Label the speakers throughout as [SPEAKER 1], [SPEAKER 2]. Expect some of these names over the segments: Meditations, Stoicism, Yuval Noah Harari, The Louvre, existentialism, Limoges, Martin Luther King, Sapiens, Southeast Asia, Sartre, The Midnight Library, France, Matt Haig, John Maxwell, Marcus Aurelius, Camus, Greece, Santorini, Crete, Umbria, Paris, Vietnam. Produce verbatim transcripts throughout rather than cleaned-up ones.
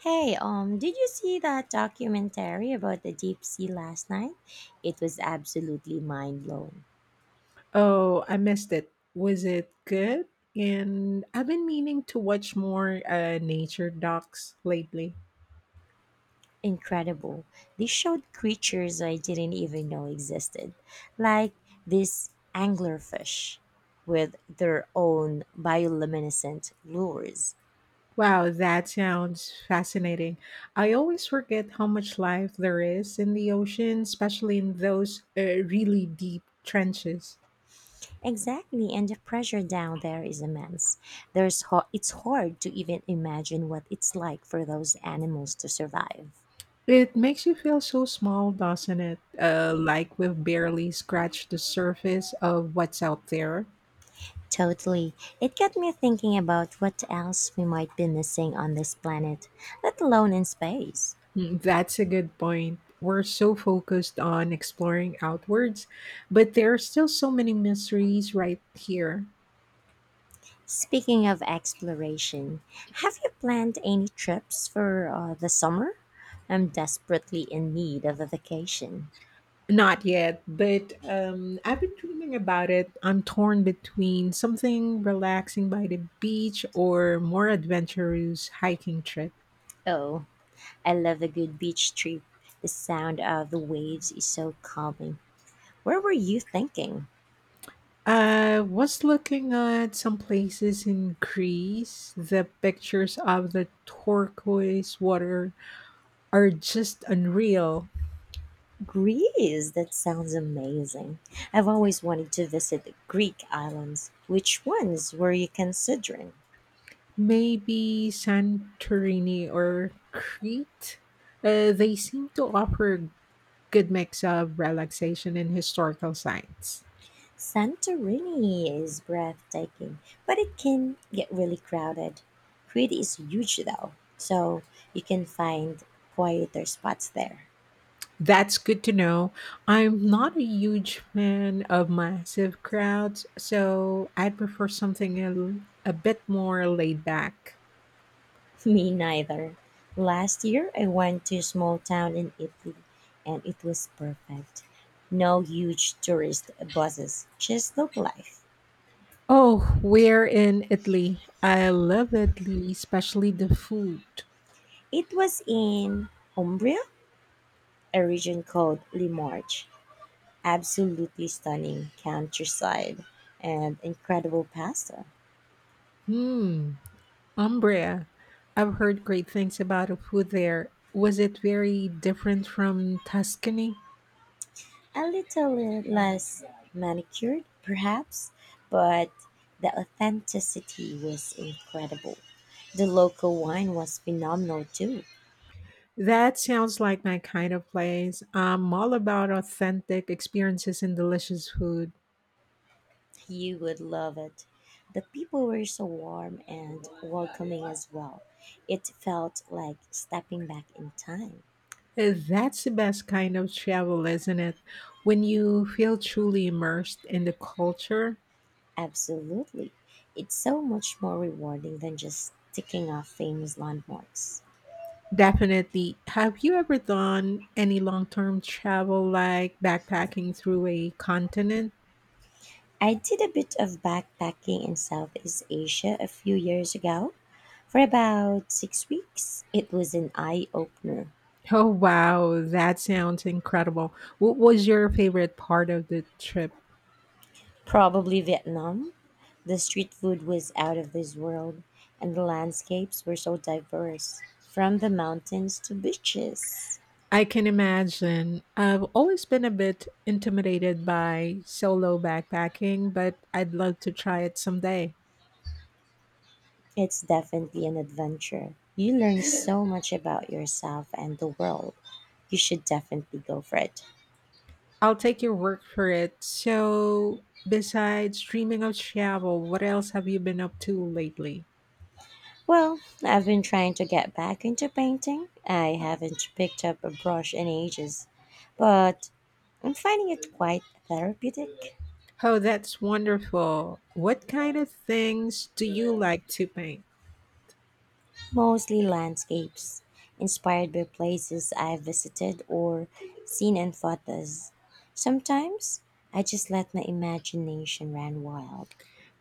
[SPEAKER 1] Hey, um, did you see that documentary about the deep sea last night? It was absolutely mind blowing.
[SPEAKER 2] Oh, I missed it. Was it good? And I've been meaning to watch more uh, nature docs lately.
[SPEAKER 1] Incredible. They showed creatures I didn't even know existed, like this anglerfish with their own bioluminescent lures.
[SPEAKER 2] Wow, that sounds fascinating. I always forget how much life there is in the ocean, especially in those uh, really deep trenches.
[SPEAKER 1] Exactly, and the pressure down there is immense. There's ho- it's hard to even imagine what it's like for those animals to survive.
[SPEAKER 2] It makes you feel so small, doesn't it? Uh, like we've barely scratched the surface of what's out there.
[SPEAKER 1] Totally. It got me thinking about what else we might be missing on this planet, let alone in space.
[SPEAKER 2] Mm, That's a good point. We're so focused on exploring outwards, but there are still so many mysteries right here.
[SPEAKER 1] Speaking of exploration, have you planned any trips for uh, the summer? I'm desperately in need of a vacation.
[SPEAKER 2] Not yet, but um, I've been dreaming about it. I'm torn between something relaxing by the beach or more adventurous hiking trip.
[SPEAKER 1] Oh, I love a good beach trip. The sound of the waves is so calming. Where were you thinking?
[SPEAKER 2] I was looking at some places in Greece. The pictures of the turquoise water are just unreal.
[SPEAKER 1] Greece, that sounds amazing. I've always wanted to visit the Greek islands. Which ones were you considering?
[SPEAKER 2] Maybe Santorini or Crete. Uh, they seem to offer a good mix of relaxation and historical sites.
[SPEAKER 1] Santorini is breathtaking, but it can get really crowded. Crete is huge though, so you can find quieter spots there.
[SPEAKER 2] That's good to know. I'm not a huge fan of massive crowds, so I'd prefer something a, a bit more laid back.
[SPEAKER 1] Me neither. Last year I went to a small town in Italy and it was perfect. No huge tourist buses, just local life.
[SPEAKER 2] Oh, we're in Italy. I love Italy, especially the food.
[SPEAKER 1] It was in Umbria, a region called Limoges. Absolutely stunning countryside and incredible pasta.
[SPEAKER 2] Hmm. Umbria. I've heard great things about the food there. Was it very different from Tuscany?
[SPEAKER 1] A little less manicured, perhaps, but the authenticity was incredible. The local wine was phenomenal too.
[SPEAKER 2] That sounds like my kind of place. I'm all about authentic experiences and delicious food.
[SPEAKER 1] You would love it. The people were so warm and welcoming as well. It felt like stepping back in time.
[SPEAKER 2] Uh, That's the best kind of travel, isn't it? When you feel truly immersed in the culture.
[SPEAKER 1] Absolutely. It's so much more rewarding than just ticking off famous landmarks.
[SPEAKER 2] Definitely. Have you ever done any long term travel like backpacking through a continent?
[SPEAKER 1] I did a bit of backpacking in Southeast Asia a few years ago for about six weeks. It was an eye opener.
[SPEAKER 2] Oh, wow. That sounds incredible. What was your favorite part of the trip?
[SPEAKER 1] Probably Vietnam. The street food was out of this world, and the landscapes were so diverse from the mountains to beaches.
[SPEAKER 2] I can imagine. I've always been a bit intimidated by solo backpacking, but I'd love to try it someday.
[SPEAKER 1] It's definitely an adventure. You learn so much about yourself and the world. You should definitely go for it.
[SPEAKER 2] I'll take your word for it. So, besides dreaming of travel, what else have you been up to lately?
[SPEAKER 1] Well, I've been trying to get back into painting. I haven't picked up a brush in ages, but I'm finding it quite therapeutic.
[SPEAKER 2] Oh, that's wonderful. What kind of things do you like to paint?
[SPEAKER 1] Mostly landscapes, inspired by places I've visited or seen in photos. Sometimes I just let my imagination run wild.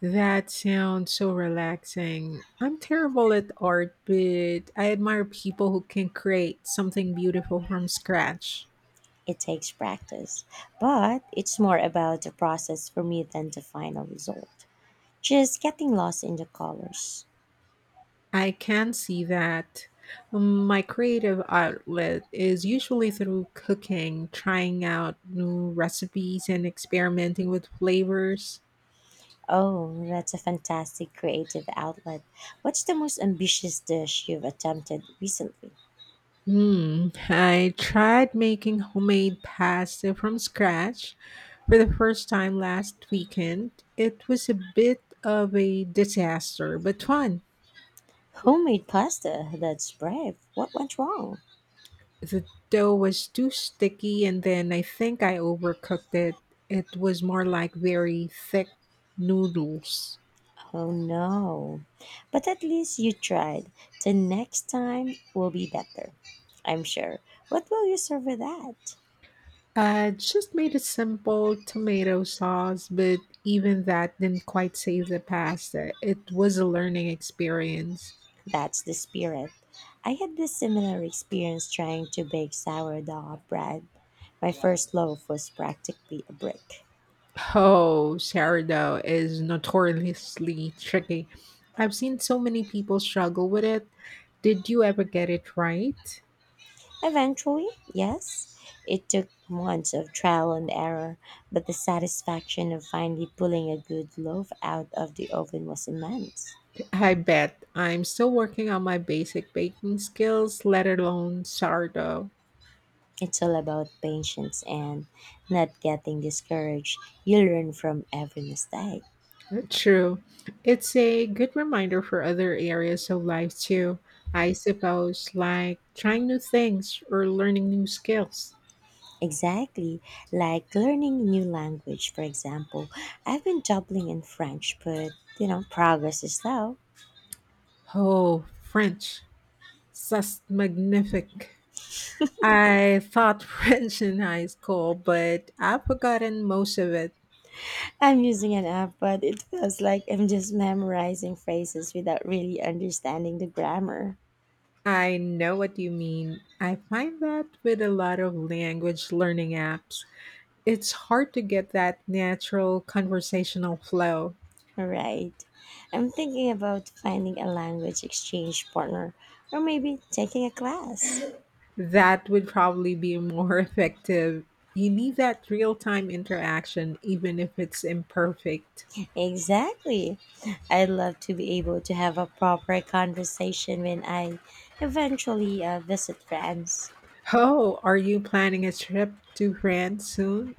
[SPEAKER 2] That sounds so relaxing. I'm terrible at art, but I admire people who can create something beautiful from scratch.
[SPEAKER 1] It takes practice, but it's more about the process for me than the final result. Just getting lost in the colors.
[SPEAKER 2] I can see that. Um, My creative outlet is usually through cooking, trying out new recipes, and experimenting with flavors.
[SPEAKER 1] Oh, that's a fantastic creative outlet. What's the most ambitious dish you've attempted recently?
[SPEAKER 2] Hmm. I tried making homemade pasta from scratch for the first time last weekend. It was a bit of a disaster, but fun.
[SPEAKER 1] Homemade pasta? That's brave. What went wrong?
[SPEAKER 2] The dough was too sticky, and then I think I overcooked it. It was more like very thick noodles.
[SPEAKER 1] Oh no. But at least you tried. The next time will be better, I'm sure. What will you serve with that?
[SPEAKER 2] I just made a simple tomato sauce, but even that didn't quite save the pasta. It was a learning experience.
[SPEAKER 1] That's the spirit. I had this similar experience trying to bake sourdough bread. My first loaf was practically a brick.
[SPEAKER 2] Oh, sourdough is notoriously tricky. I've seen so many people struggle with it. Did you ever get it right?
[SPEAKER 1] Eventually, yes, it took months of trial and error, but the satisfaction of finally pulling a good loaf out of the oven was immense.
[SPEAKER 2] I bet. I'm still working on my basic baking skills, let alone sourdough.
[SPEAKER 1] It's all about patience and not getting discouraged. You learn from every mistake.
[SPEAKER 2] True. It's a good reminder for other areas of life too, I suppose, like trying new things or learning new skills.
[SPEAKER 1] Exactly, like learning a new language, for example. I've been dabbling in French, but you know, progress is slow.
[SPEAKER 2] Oh, French. Ça, c'est magnifique. I taught French in high school, but I've forgotten most of it.
[SPEAKER 1] I'm using an app, but it feels like I'm just memorizing phrases without really understanding the grammar.
[SPEAKER 2] I know what you mean. I find that with a lot of language learning apps, it's hard to get that natural conversational flow.
[SPEAKER 1] Right. I'm thinking about finding a language exchange partner or maybe taking a class.
[SPEAKER 2] That would probably be more effective. You need that real time interaction, even if it's imperfect.
[SPEAKER 1] Exactly. I'd love to be able to have a proper conversation when I eventually uh, visit France.
[SPEAKER 2] Oh, are you planning a trip to France soon?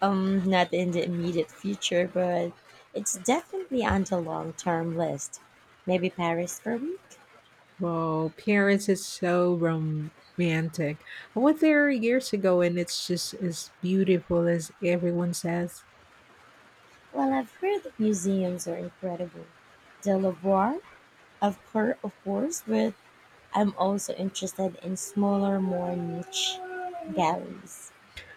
[SPEAKER 1] Um, not in the immediate future, but it's definitely on the long-term list. Maybe Paris for a week?
[SPEAKER 2] Well, Paris is so romantic. I went there years ago and it's just as beautiful as everyone says.
[SPEAKER 1] Well, I've heard that museums are incredible. The Louvre, of course, of course, but I'm also interested in smaller, more niche galleries.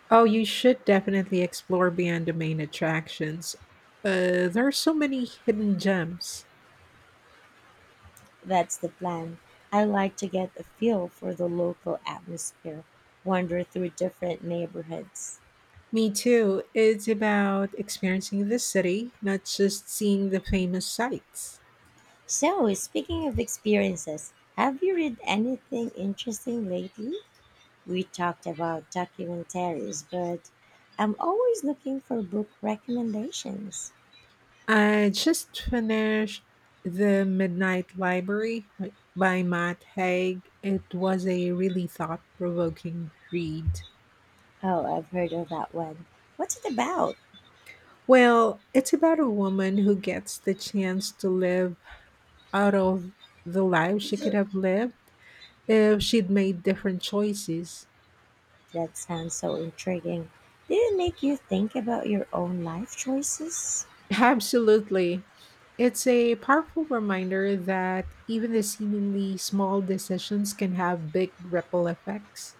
[SPEAKER 2] Oh, you should definitely explore beyond the main attractions. Uh, there are so many hidden gems.
[SPEAKER 1] That's the plan. I like to get a feel for the local atmosphere, wander through different neighborhoods.
[SPEAKER 2] Me too. It's about experiencing the city, not just seeing the famous sights.
[SPEAKER 1] So, speaking of experiences, have you read anything interesting lately? We talked about documentaries, but I'm always looking for book recommendations.
[SPEAKER 2] I just finished The Midnight Library by by Matt Haig. It was a really thought provoking read.
[SPEAKER 1] Oh, I've heard of that one. What's it about?
[SPEAKER 2] Well, it's about a woman who gets the chance to live out of the life she could have lived if she'd made different choices.
[SPEAKER 1] That sounds so intriguing. Did it make you think about your own life choices?
[SPEAKER 2] Absolutely. It's a powerful reminder that even the seemingly small decisions can have big ripple effects.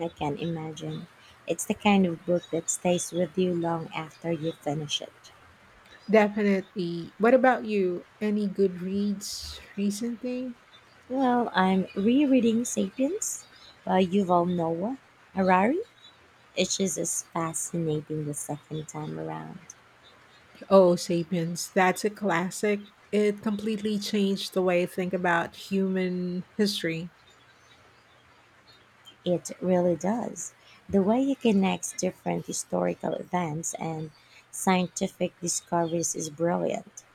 [SPEAKER 1] I can imagine. It's the kind of book that stays with you long after you finish it.
[SPEAKER 2] Definitely. What about you? Any good reads recently?
[SPEAKER 1] Well, I'm rereading *Sapiens* by Yuval Noah Harari. It just is fascinating the second time around.
[SPEAKER 2] Oh, Sapiens. That's a classic. It completely changed the way I think about human history.
[SPEAKER 1] It really does. The way he connects different historical events and scientific discoveries is brilliant.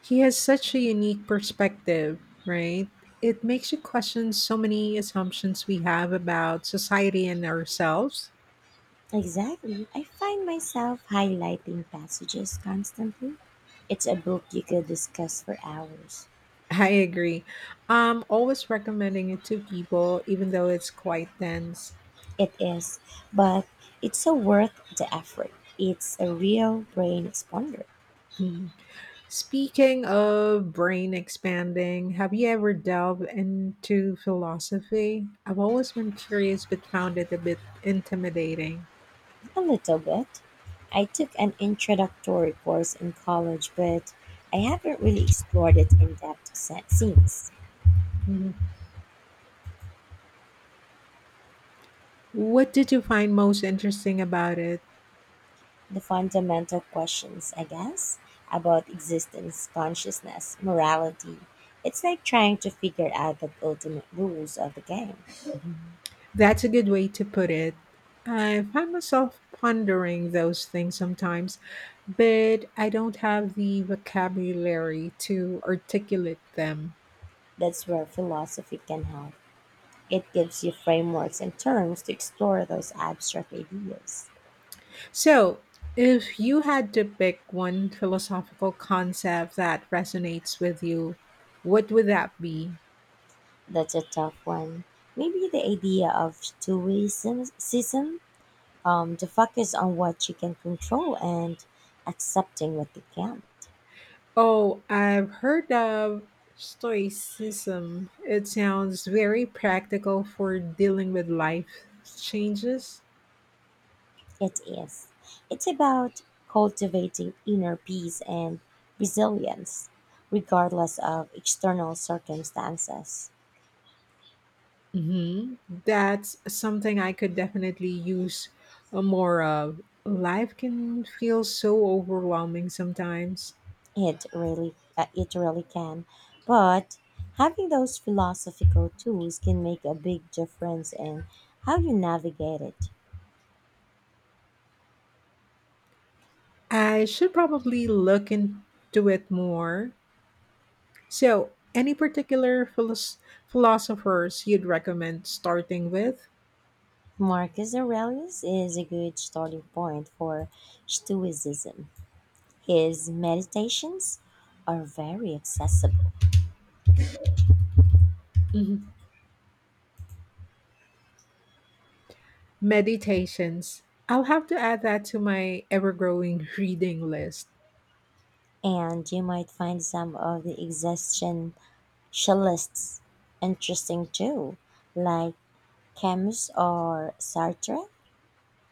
[SPEAKER 2] He has such a unique perspective, right? It makes you question so many assumptions we have about society and ourselves.
[SPEAKER 1] Exactly. I find myself highlighting passages constantly. It's a book you could discuss for hours.
[SPEAKER 2] I agree. I'm always recommending it to people, even though it's quite dense.
[SPEAKER 1] It is, but it's so worth the effort. It's a real brain expander.
[SPEAKER 2] Hmm. Speaking of brain expanding, have you ever delved into philosophy? I've always been curious but found it a bit intimidating.
[SPEAKER 1] A little bit. I took an introductory course in college, but I haven't really explored it in depth se- since.
[SPEAKER 2] Mhm. What did you find most interesting about it?
[SPEAKER 1] The fundamental questions, I guess, about existence, consciousness, morality. It's like trying to figure out the ultimate rules of the game.
[SPEAKER 2] That's a good way to put it. I find myself pondering those things sometimes, but I don't have the vocabulary to articulate them.
[SPEAKER 1] That's where philosophy can help. It gives you frameworks and terms to explore those abstract ideas.
[SPEAKER 2] So, if you had to pick one philosophical concept that resonates with you, what would that be?
[SPEAKER 1] That's a tough one. Maybe the idea of two-way um, the focus on what you can control and accepting what you can.
[SPEAKER 2] Oh, I've heard of Stoicism. It sounds very practical for dealing with life changes.
[SPEAKER 1] It is. It's about cultivating inner peace and resilience, regardless of external circumstances.
[SPEAKER 2] Hmm. That's something I could definitely use uh, more of. Life can feel so overwhelming sometimes.
[SPEAKER 1] It really, uh, it really can. But having those philosophical tools can make a big difference in how you navigate it.
[SPEAKER 2] I should probably look into it more. So, any particular philos- philosophers you'd recommend starting with?
[SPEAKER 1] Marcus Aurelius is a good starting point for Stoicism. His meditations are very accessible,
[SPEAKER 2] Mhm. Meditations. I'll have to add that to my ever growing reading list.
[SPEAKER 1] and you might find some of the existentialists interesting too, like Camus or Sartre,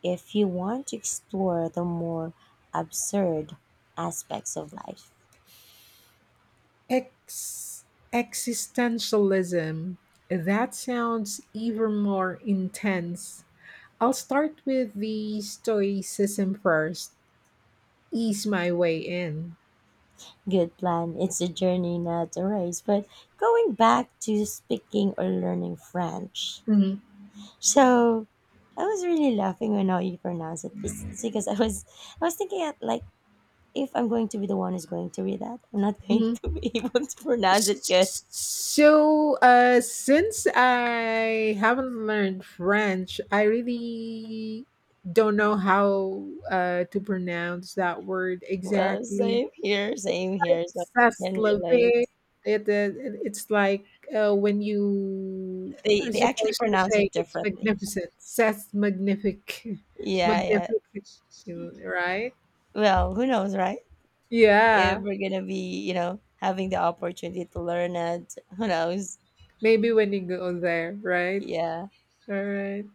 [SPEAKER 1] if you want to explore the more absurd aspects of life.
[SPEAKER 2] Ex- existentialism. That sounds even more intense. I'll start with the Stoicism first, ease my way in.
[SPEAKER 1] Good plan. It's a journey, not a race. But going back to speaking or learning French,
[SPEAKER 2] Mhm.
[SPEAKER 1] so I was really laughing when how you pronounce it bes- because I was I was thinking at like if I'm going to be the one who's going to read that, I'm not going
[SPEAKER 2] Mhm.
[SPEAKER 1] to be able to pronounce it good.
[SPEAKER 2] So, uh, since I haven't learned French, I really don't know how uh, to pronounce that word
[SPEAKER 1] Well,
[SPEAKER 2] exactly.
[SPEAKER 1] same here, same here. So I can relate.
[SPEAKER 2] Saslavik. It, it, it's like uh, when you
[SPEAKER 1] They
[SPEAKER 2] are
[SPEAKER 1] they actually
[SPEAKER 2] supposed to
[SPEAKER 1] pronounce
[SPEAKER 2] say
[SPEAKER 1] it
[SPEAKER 2] it's
[SPEAKER 1] differently.
[SPEAKER 2] magnificent. Sas magnific.
[SPEAKER 1] Yeah, yeah.
[SPEAKER 2] Magnific. Right?
[SPEAKER 1] Well, who knows, right? If
[SPEAKER 2] Yeah.
[SPEAKER 1] we're gonna be, you know, having the opportunity to learn it, who knows?
[SPEAKER 2] Maybe when you go there, right?
[SPEAKER 1] Yeah.
[SPEAKER 2] All right.